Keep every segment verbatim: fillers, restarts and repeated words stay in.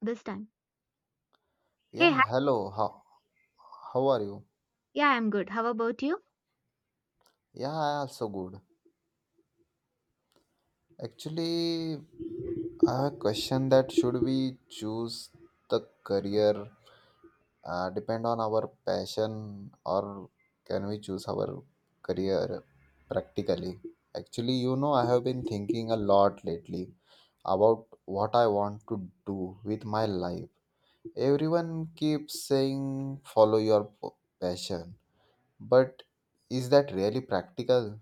This time. Hey, Yeah, hi. hello. How how are you? Yeah, I'm good. How about you? Yeah, I also good. Actually, I have a question that should we choose the career uh, depend on our passion, or can we choose our career practically? Actually, you know, I have been thinking a lot lately about what I want to do with my life. Everyone keeps saying follow your p- passion, but is that really practical?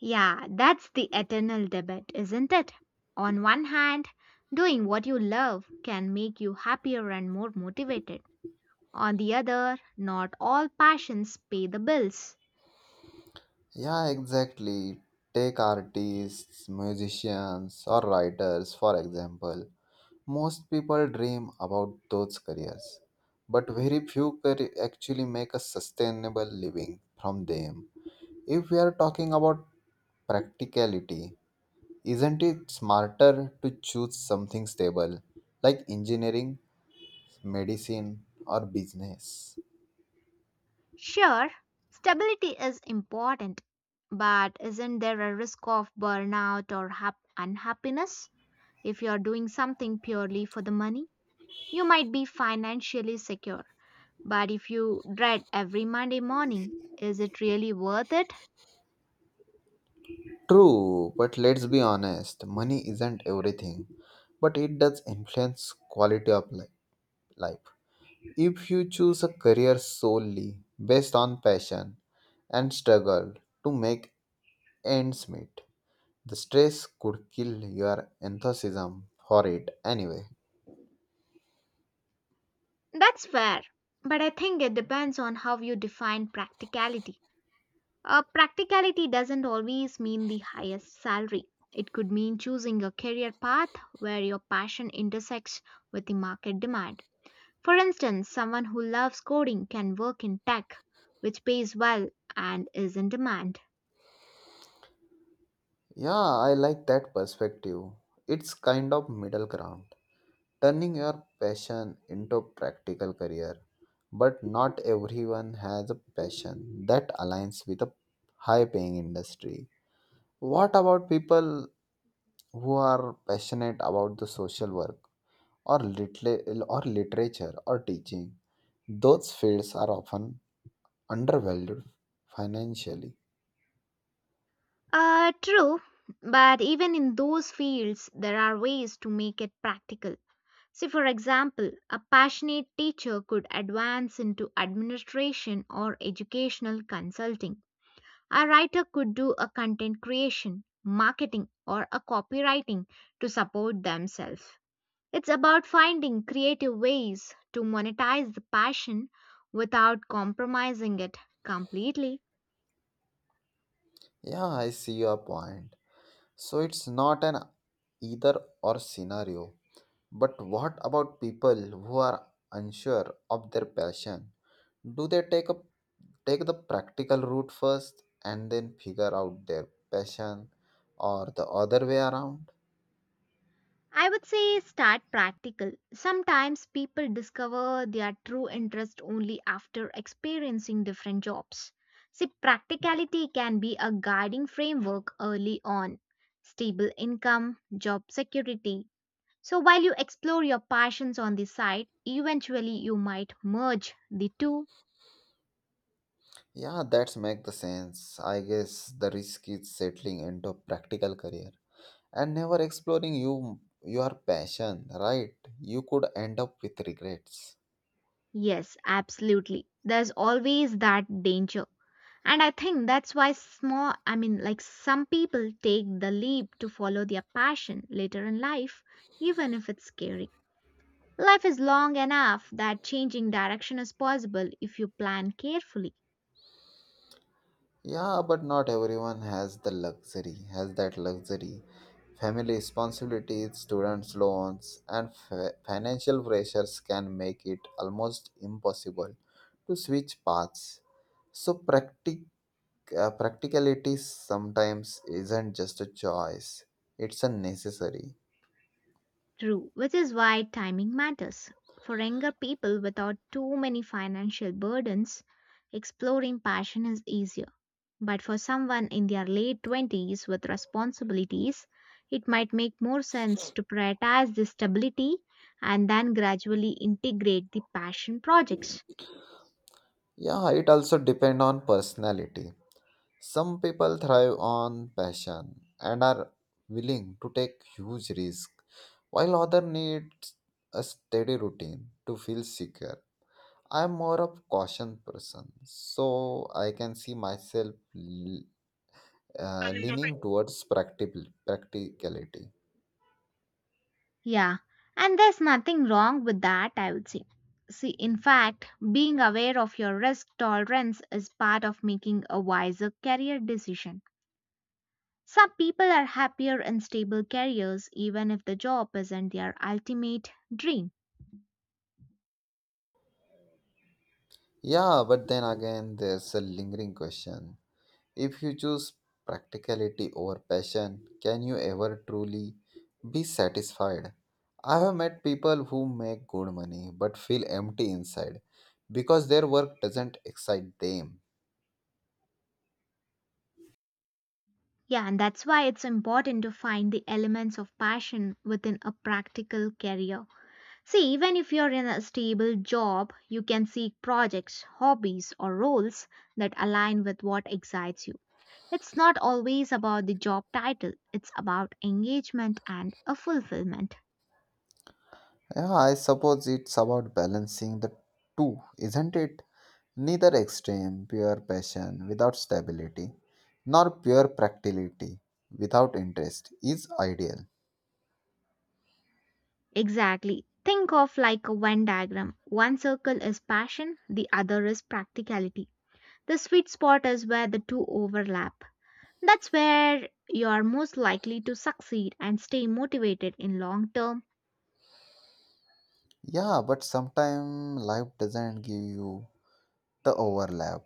Yeah, that's the eternal debate, isn't it? On one hand, doing what you love can make you happier and more motivated. On the other, not all passions pay the bills. Yeah, exactly. Take artists, musicians, or writers, for example. Most people dream about those careers, but very few car- actually make a sustainable living from them. If we are talking about practicality, isn't it smarter to choose something stable like engineering, medicine, or business? Sure, stability is important, but isn't there a risk of burnout or hap- unhappiness if you're doing something purely for the money? You might be financially secure, but if you dread every Monday morning, is it really worth it? True, but let's be honest, money isn't everything, but it does influence quality of li- life. If you choose a career solely based on passion and struggle to make ends meet, the stress could kill your enthusiasm for it anyway. That's fair. But I think it depends on how you define practicality. Uh, practicality doesn't always mean the highest salary. It could mean choosing a career path where your passion intersects with the market demand. For instance, someone who loves coding can work in tech, which pays well and is in demand. Yeah, I like that perspective. It's kind of middle ground, turning your passion into practical career. But not everyone has a passion that aligns with a high paying industry. What about people who are passionate about the social work or litla- or literature or teaching? Those fields are often undervalued financially. Uh, true, but even in those fields, there are ways to make it practical. See, for example, a passionate teacher could advance into administration or educational consulting. A writer could do a content creation, marketing, or a copywriting to support themselves. It's about finding creative ways to monetize the passion without compromising it completely. Yeah, I see your point. So it's not an either or scenario. But what about people who are unsure of their passion? Do they take up take the practical route first and then figure out their passion, or the other way around? I would say start practical. Sometimes people discover their true interest only after experiencing different jobs. See, practicality can be a guiding framework early on. Stable income, job security. So while you explore your passions on the side, eventually you might merge the two. Yeah, that's make the sense, I guess. The risk is settling into a practical career and never exploring you your passion, right? You could end up with regrets. Yes, absolutely. There's always that danger. And I think that's why small, I mean, like some people take the leap to follow their passion later in life, even if it's scary. Life is long enough that changing direction is possible if you plan carefully. Yeah, but not everyone has the luxury has that luxury. Family responsibilities, students' loans, and fi- financial pressures can make it almost impossible to switch paths. So, practic- uh, practicality sometimes isn't just a choice, it's a necessary. True, which is why timing matters. For younger people without too many financial burdens, exploring passion is easier. But for someone in their late twenties with responsibilities, it might make more sense to prioritize the stability and then gradually integrate the passion projects. Yeah, it also depends on personality. Some people thrive on passion and are willing to take huge risks, while others need a steady routine to feel secure. I'm more of caution person, so I can see myself l- uh, leaning towards practical practicality. Yeah, and there's nothing wrong with that, I would say. See, in fact, being aware of your risk tolerance is part of making a wiser career decision. Some people are happier in stable careers even if the job isn't their ultimate dream. Yeah, but then again, there's a lingering question. If you choose practicality over passion, can you ever truly be satisfied? I have met people who make good money but feel empty inside because their work doesn't excite them. Yeah, and that's why it's important to find the elements of passion within a practical career. See, even if you're in a stable job, you can seek projects, hobbies, or roles that align with what excites you. It's not always about the job title, it's about engagement and a fulfillment. Yeah, I suppose it's about balancing the two, isn't it? Neither extreme, pure passion without stability, nor pure practicality without interest is ideal. Exactly. Think of like a Venn diagram. One circle is passion, the other is practicality. The sweet spot is where the two overlap. That's where you are most likely to succeed and stay motivated in long term. Yeah, but sometimes life doesn't give you the overlap.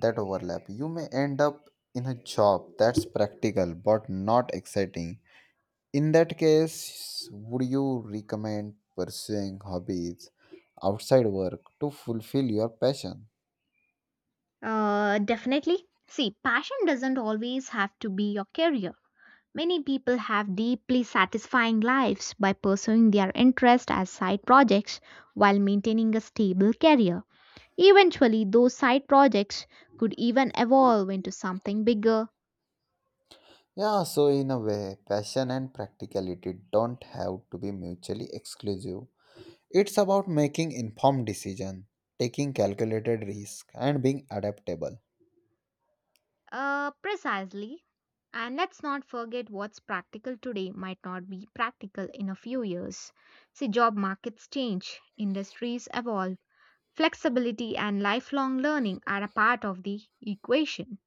that overlap. You may end up in a job that's practical but not exciting. In that case, would you recommend pursuing hobbies outside work to fulfill your passion? Uh, definitely. See, passion doesn't always have to be your career. Many people have deeply satisfying lives by pursuing their interest as side projects while maintaining a stable career. Eventually, those side projects could even evolve into something bigger. Yeah, so in a way, passion and practicality don't have to be mutually exclusive. It's about making informed decisions, taking calculated risks, and being adaptable. Uh, precisely. And let's not forget what's practical today might not be practical in a few years. See, job markets change, industries evolve, flexibility and lifelong learning are a part of the equation.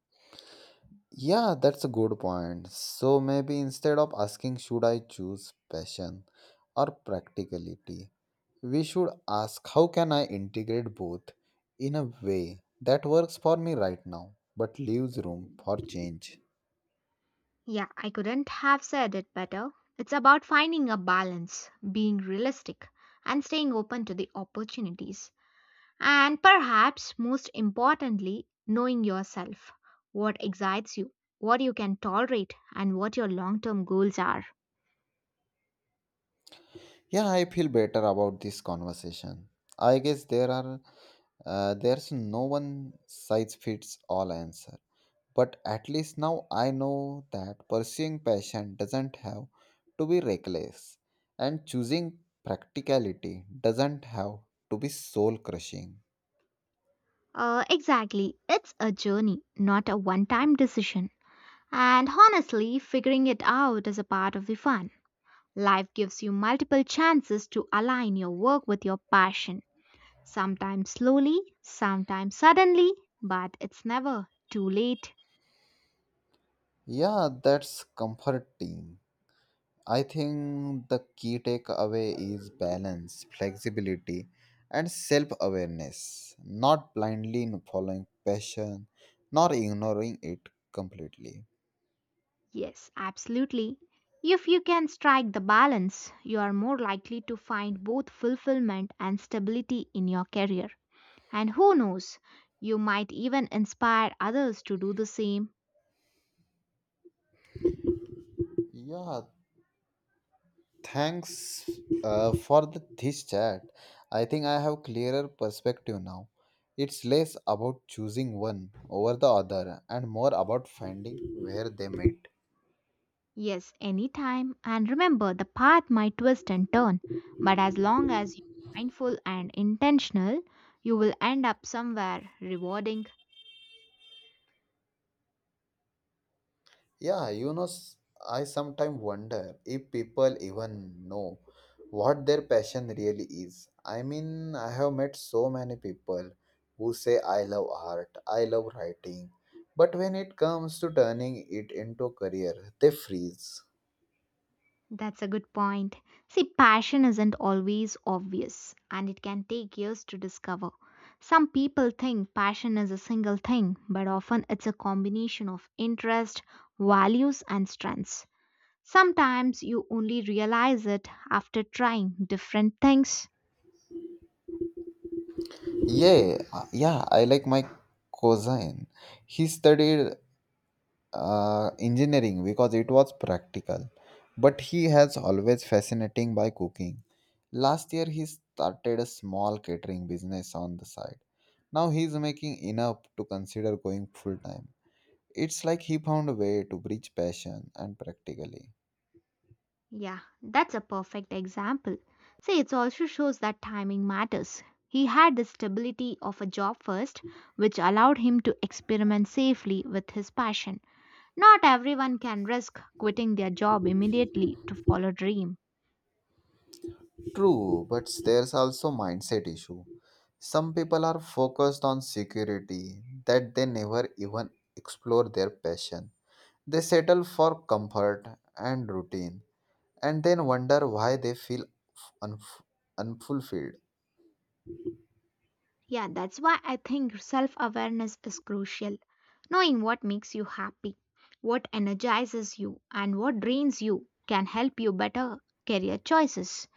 Yeah, that's a good point. So maybe instead of asking should I choose passion or practicality, we should ask how can I integrate both in a way that works for me right now but leaves room for change. Yeah, I couldn't have said it better. It's about finding a balance, being realistic, and staying open to the opportunities. And perhaps most importantly, knowing yourself, what excites you, what you can tolerate, and what your long term goals are. Yeah, I feel better about this conversation. I guess there are uh, there's no one size fits all answer, but at least now I know that pursuing passion doesn't have to be reckless, and choosing practicality doesn't have to be soul crushing. Uh, exactly, it's a journey, not a one time decision. And honestly, figuring it out is a part of the fun. Life gives you multiple chances to align your work with your passion, sometimes slowly, sometimes suddenly, but it's never too late. Yeah, that's comforting. I think the key takeaway is balance, flexibility, and self awareness, not blindly following passion, nor ignoring it completely. Yes, absolutely. If you can strike the balance, you are more likely to find both fulfillment and stability in your career. And who knows, you might even inspire others to do the same. Yeah, thanks uh, for the, this chat. I think I have clearer perspective now. It's less about choosing one over the other and more about finding where they meet. Yes, anytime. And remember, the path might twist and turn, but as long as you're mindful and intentional, you will end up somewhere rewarding. Yeah, you know, s- I sometimes wonder if people even know what their passion really is. I mean, I have met so many people who say, I love art, I love writing, but when it comes to turning it into a career, they freeze. That's a good point. See, passion isn't always obvious and it can take years to discover. Some people think passion is a single thing, but often it's a combination of interest, values, and strengths. Sometimes you only realize it after trying different things. Yeah, uh, yeah, I like my cousin. He studied uh, engineering because it was practical, but he has always fascinating by cooking. Last year, he started a small catering business on the side. Now he's making enough to consider going full time. It's like he found a way to bridge passion and practically. Yeah, that's a perfect example. See, it also shows that timing matters. He had the stability of a job first, which allowed him to experiment safely with his passion. Not everyone can risk quitting their job immediately to follow a dream. True, but there's also mindset issue. Some people are focused on security that they never even explore their passion. They settle for comfort and routine and then wonder why they feel unf- unfulfilled. Yeah, that's why I think self awareness is crucial. Knowing what makes you happy, what energizes you, and what drains you can help you better career choices.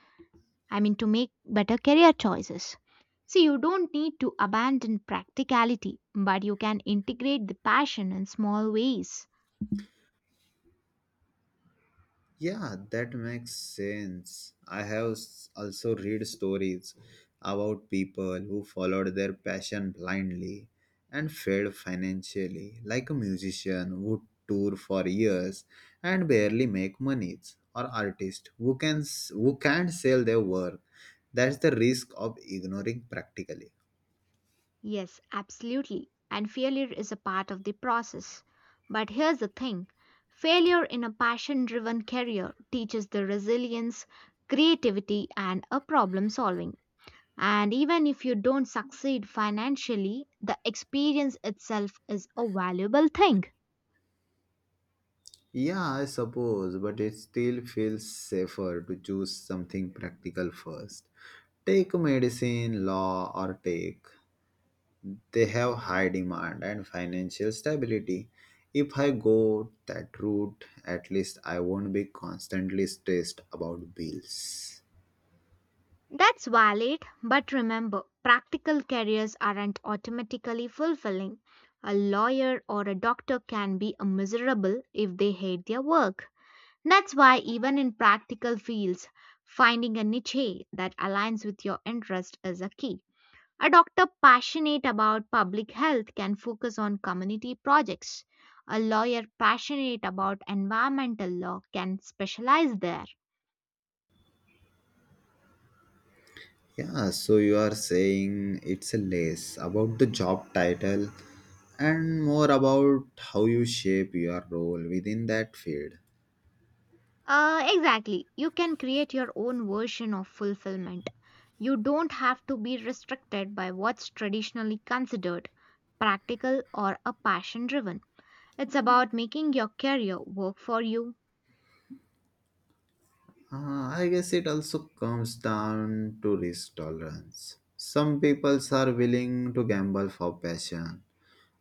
I mean, to make better career choices. See, you don't need to abandon practicality, but you can integrate the passion in small ways. Yeah, that makes sense. I have s- also read stories about people who followed their passion blindly and failed financially, like a musician who tour for years and barely make monies, or artist who can s- who can't sell their work. That's the risk of ignoring practically. Yes, absolutely. And failure is a part of the process. But here's the thing: failure in a passion driven career teaches the resilience, creativity, and a problem solving. And even if you don't succeed financially, the experience itself is a valuable thing. Yeah, I suppose, but it still feels safer to choose something practical first. Take medicine, law, or tech. They have high demand and financial stability. If I go that route, at least I won't be constantly stressed about bills. That's valid, but remember, practical careers aren't automatically fulfilling. A lawyer or a doctor can be a miserable if they hate their work. That's why, even in practical fields, finding a niche that aligns with your interest is a key. A doctor passionate about public health can focus on community projects. A lawyer passionate about environmental law can specialize there. Yeah, so you are saying it's less about the job title and more about how you shape your role within that field. Uh, exactly. You can create your own version of fulfillment. You don't have to be restricted by what's traditionally considered practical or a passion driven. It's about making your career work for you. Uh, I guess it also comes down to risk tolerance. Some people are willing to gamble for passion,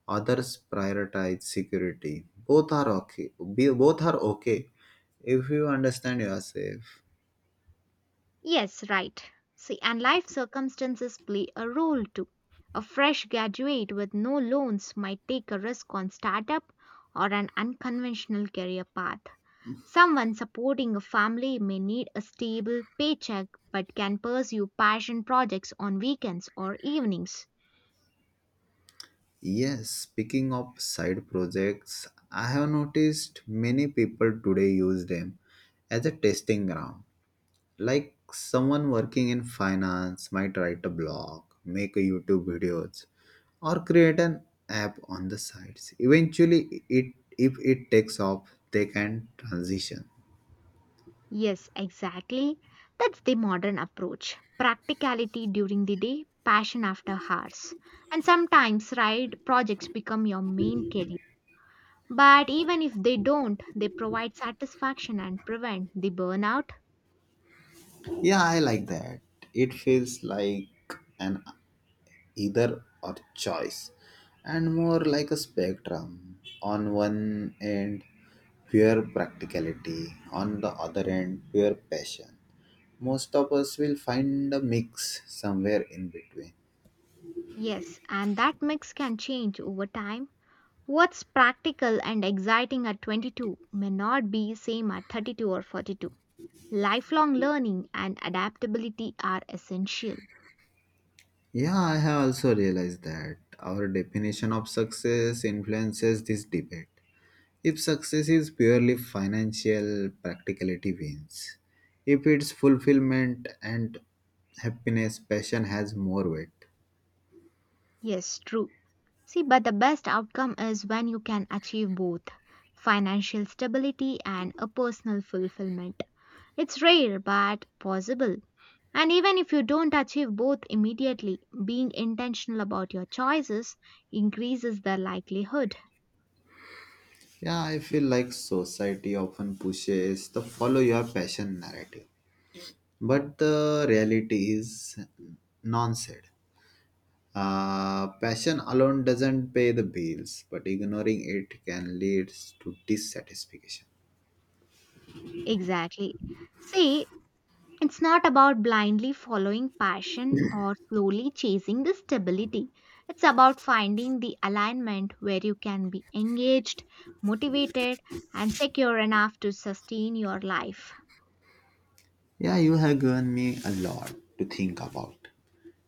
others prioritize security. Both are okay. Be- Both are okay if you understand yourself. Yes, right. See, and life circumstances play a role too. A fresh graduate with no loans might take a risk on startup or an unconventional career path. Someone supporting a family may need a stable paycheck but can pursue passion projects on weekends or evenings. Yes, speaking of side projects, I have noticed many people today use them as a testing ground, like someone working in finance might write a blog, make a YouTube videos, or create an app on the sides. Eventually, it if it takes off, they can transition. Yes, exactly. That's the modern approach. Practicality during the day, passion after hours. And sometimes, right, projects become your main career. But even if they don't, they provide satisfaction and prevent the burnout. Yeah, I like that. It feels like an either or choice and more like a spectrum. On one end, pure practicality, on the other end, pure passion. Most of us will find a mix somewhere in between. Yes, and that mix can change over time. What's practical and exciting at twenty-two may not be same at thirty-two or forty-two. Lifelong learning and adaptability are essential. Yeah, I have also realized that our definition of success influences this debate. If success is purely financial, practicality wins. If it's fulfillment and happiness, passion has more weight. Yes, true. See, but the best outcome is when you can achieve both financial stability and a personal fulfillment. It's rare but possible. And even if you don't achieve both immediately, being intentional about your choices increases the likelihood. Yeah, I feel like society often pushes the follow your passion narrative. But the reality is non said. Uh, passion alone doesn't pay the bills, but ignoring it can lead to dissatisfaction. Exactly. See, it's not about blindly following passion or slowly chasing the stability. It's about finding the alignment where you can be engaged, motivated, and secure enough to sustain your life. Yeah, you have given me a lot to think about.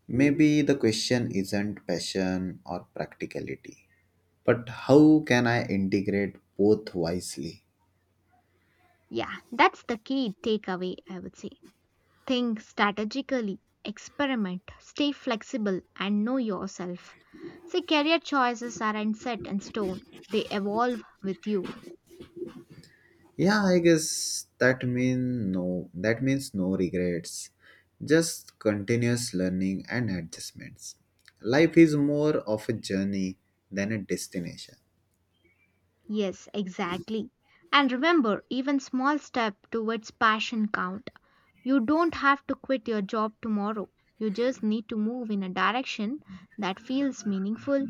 Maybe the question isn't passion or practicality, but how can I integrate both wisely? Yeah, that's the key takeaway, I would say. Think strategically, experiment, stay flexible, and know yourself. See, career choices aren't set in stone, they evolve with you. Yeah, I guess that mean no that means no regrets. Just continuous learning and adjustments. Life is more of a journey than a destination. Yes, exactly. And remember, even small step towards passion count. You don't have to quit your job tomorrow. You just need to move in a direction that feels meaningful.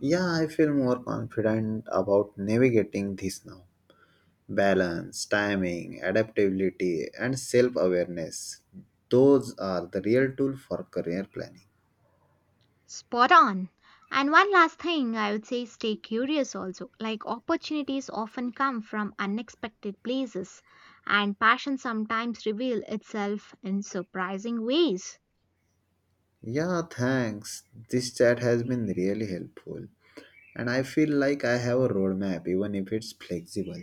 Yeah, I feel more confident about navigating this now. Balance, timing, adaptability, and self awareness. Those are the real tool for career planning. Spot on. And one last thing I would say, stay curious also. Like opportunities often come from unexpected places and passion sometimes reveal itself in surprising ways. Yeah, thanks. This chat has been really helpful. And I feel like I have a roadmap, even if it's flexible.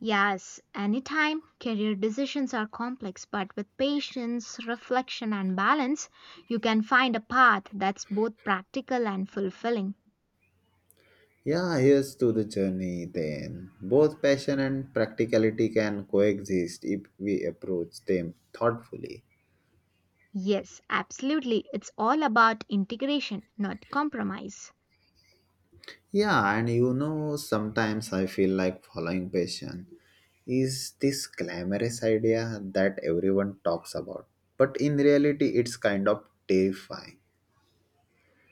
Yes, anytime. Career decisions are complex, but with patience, reflection, and balance, you can find a path that's both practical and fulfilling. Yeah, here's to the journey then. Both passion and practicality can coexist if we approach them thoughtfully. Yes, absolutely. It's all about integration, not compromise. Yeah, and you know, sometimes I feel like following passion is this glamorous idea that everyone talks about. But in reality, it's kind of terrifying.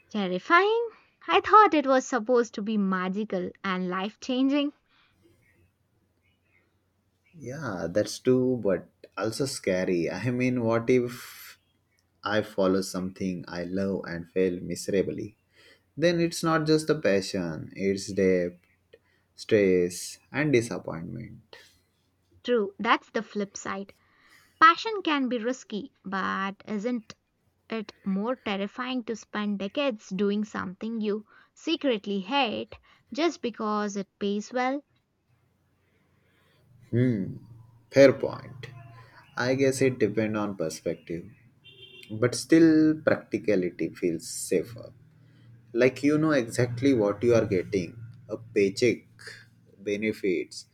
Terrifying? I thought it was supposed to be magical and life changing. Yeah, that's true, but also scary. I mean, what if I follow something I love and fail miserably? Then it's not just a passion, it's debt, stress, and disappointment. True, that's the flip side. Passion can be risky, but isn't it more terrifying to spend decades doing something you secretly hate just because it pays well. Hmm, fair point. I guess it depends on perspective, but still, practicality feels safer. Like you know exactly what you are getting: a paycheck, benefits,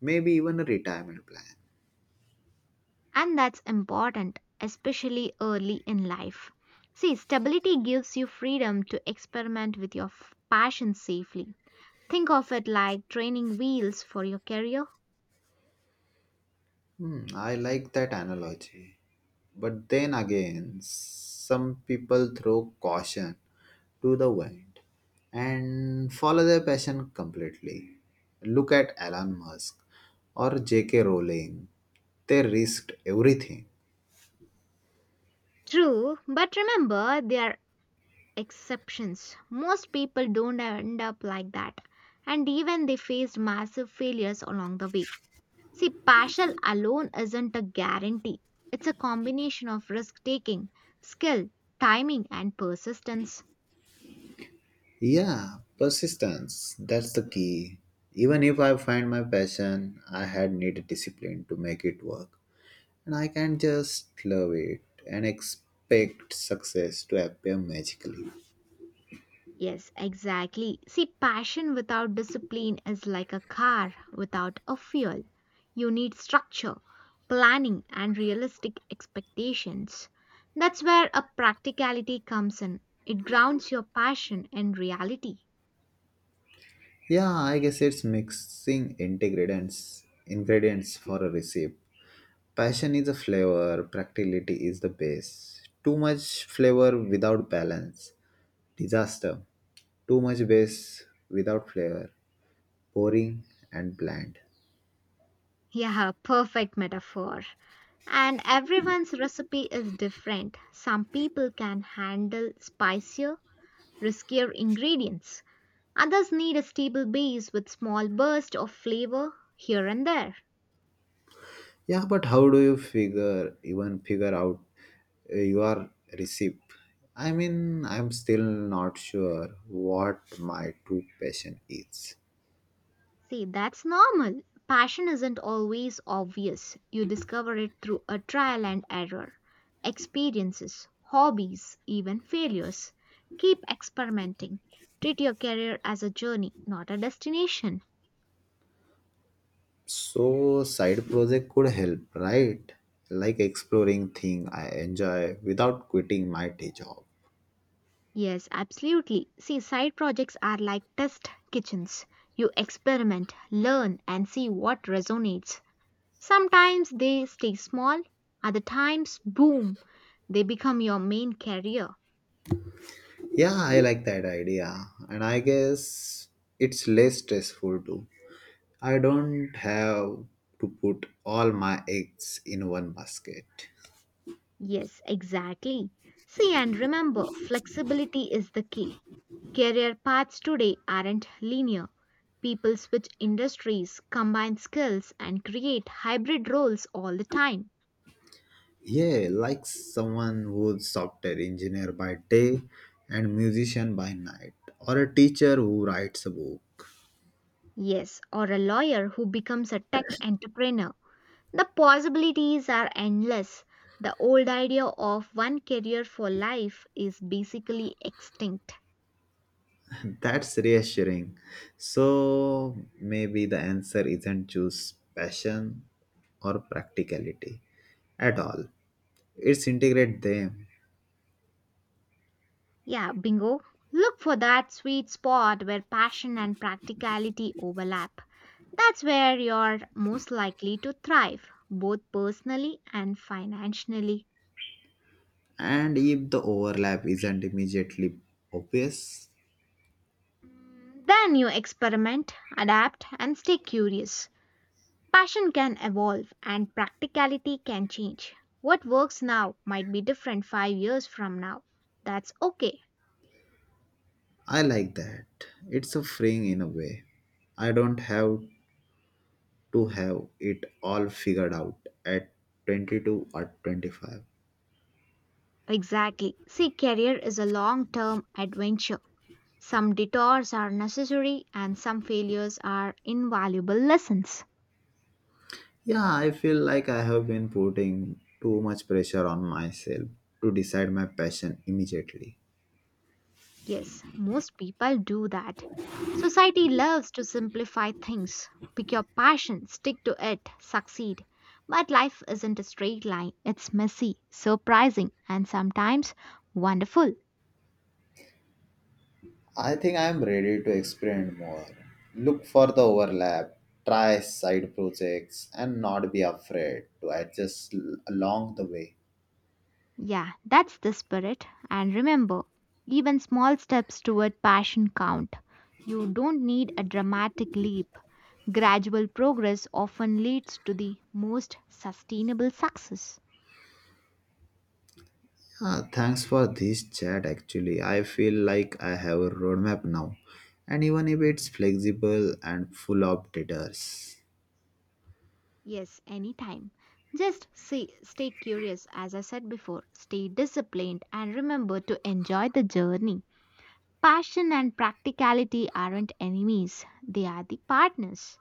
maybe even a retirement plan. And that's important, especially early in life. See, stability gives you freedom to experiment with your f- passion safely. Think of it like training wheels for your career. Hmm, I like that analogy. But then again, some people throw caution to the wind and follow their passion completely. Look at Elon Musk or J K. Rowling. They risked everything. True, but remember there are exceptions. Most people don't end up like that, and even they faced massive failures along the way. See, passion alone isn't a guarantee. It's a combination of risk taking, skill, timing, and persistence. Yeah, persistence. That's the key. Even if I find my passion, I had need discipline to make it work. And I can just love it and expect success to appear magically. Yes, exactly. See, passion without discipline is like a car without a fuel. You need structure, planning, and realistic expectations. That's where a practicality comes in. It grounds your passion in reality. Yeah, I guess it's mixing ingredients ingredients for a recipe. Passion is a flavor, practicality is the base. Too much flavor without balance. Disaster. Too much base without flavor. Boring and bland. Yeah, perfect metaphor. And everyone's recipe is different. Some people can handle spicier, riskier ingredients. Others need a stable base with small bursts of flavor here and there. Yeah, but how do you figure even figure out uh, your receipt? I mean, I'm still not sure what my true passion is. See, that's normal. Passion isn't always obvious. You discover it through a trial and error, experiences, hobbies, even failures. Keep experimenting. Treat your career as a journey, not a destination. So side project could help, right? Like exploring thing I enjoy without quitting my day job. Yes, absolutely. See, side projects are like test kitchens. You experiment, learn, and see what resonates. Sometimes they stay small, other times, boom, they become your main career. Yeah, I like that idea, and I guess it's less stressful too. I don't have to put all my eggs in one basket. Yes, exactly. See, and remember, flexibility is the key. Career paths today aren't linear. People switch industries, combine skills, and create hybrid roles all the time. Yeah, like someone who's software engineer by day and musician by night, or a teacher who writes a book. Yes, or a lawyer who becomes a tech entrepreneur. The possibilities are endless. The old idea of one career for life is basically extinct. That's reassuring. So maybe the answer isn't choose passion or practicality at all. It's integrate them. Yeah, bingo. Look for that sweet spot where passion and practicality overlap. That's where you're most likely to thrive, both personally and financially. And if the overlap isn't immediately obvious, Then you experiment, adapt, and stay curious. Passion can evolve and practicality can change. What works now might be different five years from now. That's okay. I like that. It's a freeing in a way. I don't have to have it all figured out at twenty-two or twenty-five. Exactly. See, career is a long term adventure. Some detours are necessary and some failures are invaluable lessons. Yeah, I feel like I have been putting too much pressure on myself to decide my passion immediately. Yes, most people do that. Society loves to simplify things. Pick your passion, stick to it, succeed. But life isn't a straight line. It's messy, surprising, and sometimes wonderful. I think I am ready to experiment more, look for the overlap, try side projects, and not be afraid to adjust l- along the way. Yeah, that's the spirit. And remember, even small steps toward passion count. You don't need a dramatic leap. Gradual progress often leads to the most sustainable success. Uh, thanks for this chat. Actually, I feel like I have a roadmap now, and even if it's flexible and full of debtors. Yes, anytime. Just see, stay curious, as I said before, stay disciplined, and remember to enjoy the journey. Passion and practicality aren't enemies, they are the partners.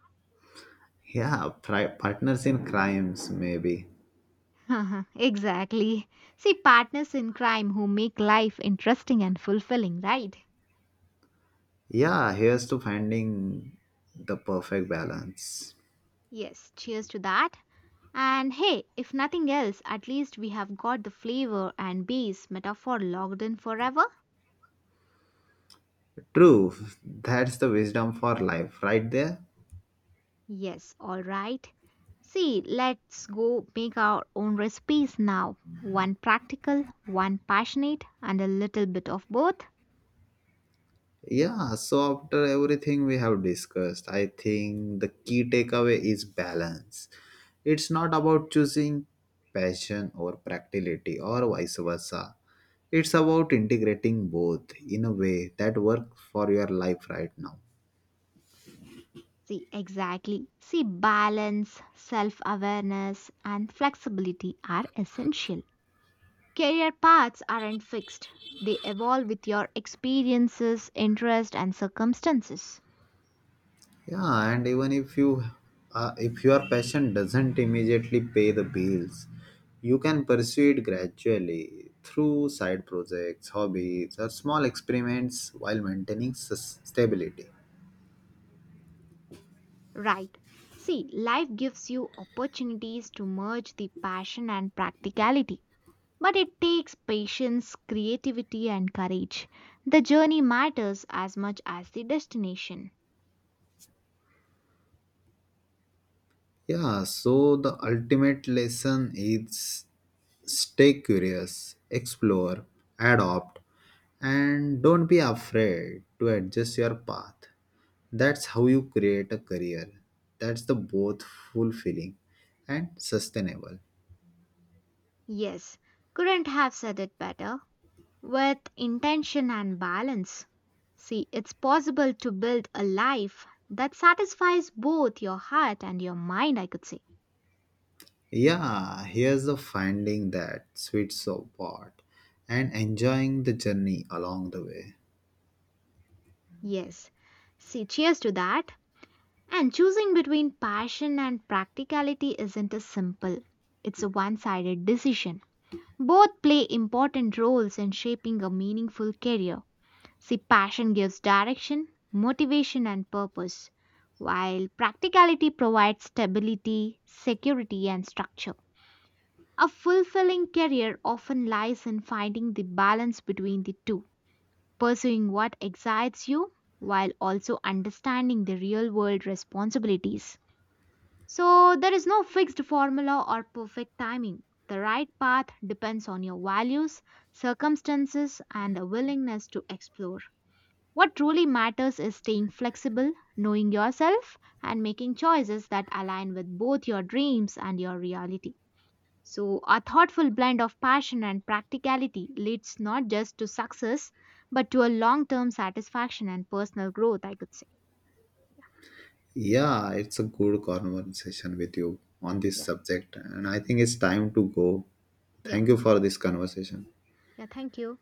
Yeah, pri- partners in crimes, maybe. Exactly. See, partners in crime who make life interesting and fulfilling, right? Yeah, here's to finding the perfect balance. Yes, cheers to that. And hey, if nothing else, at least we have got the flavor and base metaphor logged in forever. True, that's the wisdom for life, right there. Yes, all right. See, let's go make our own recipes now. One practical, one passionate, and a little bit of both. Yeah, so after everything we have discussed, I think the key takeaway is balance. It's not about choosing passion or practicality or vice versa. It's about integrating both in a way that works for your life right now. See, exactly. See, balance, self awareness, and flexibility are essential. Career paths aren't fixed, they evolve with your experiences, interest, and circumstances. Yeah, and even if you, uh, if your passion doesn't immediately pay the bills, you can pursue it gradually through side projects, hobbies, or small experiments while maintaining sus- stability. Right. See, life gives you opportunities to merge the passion and practicality. But it takes patience, creativity, and courage. The journey matters as much as the destination. Yeah, so the ultimate lesson is stay curious, explore, adopt, and don't be afraid to adjust your path. That's how you create a career. That's the both fulfilling and sustainable. Yes, couldn't have said it better. With intention and balance. See, it's possible to build a life that satisfies both your heart and your mind, I could say. Yeah, here's the finding that sweet spot and enjoying the journey along the way. Yes. See, cheers to that. And choosing between passion and practicality isn't a simple, it's a one sided decision. Both play important roles in shaping a meaningful career. See, passion gives direction, motivation, and purpose, while practicality provides stability, security, and structure. A fulfilling career often lies in finding the balance between the two, pursuing what excites you while also understanding the real world responsibilities. So there is no fixed formula or perfect timing. The right path depends on your values, circumstances, and a willingness to explore. What truly matters is staying flexible, knowing yourself, and making choices that align with both your dreams and your reality. So, a thoughtful blend of passion and practicality leads not just to success, but to a long term satisfaction and personal growth, I could say. Yeah, it's a good conversation with you on this Yeah, subject, and I think it's time to go. yeah, Thank you for this conversation. yeah, thank you.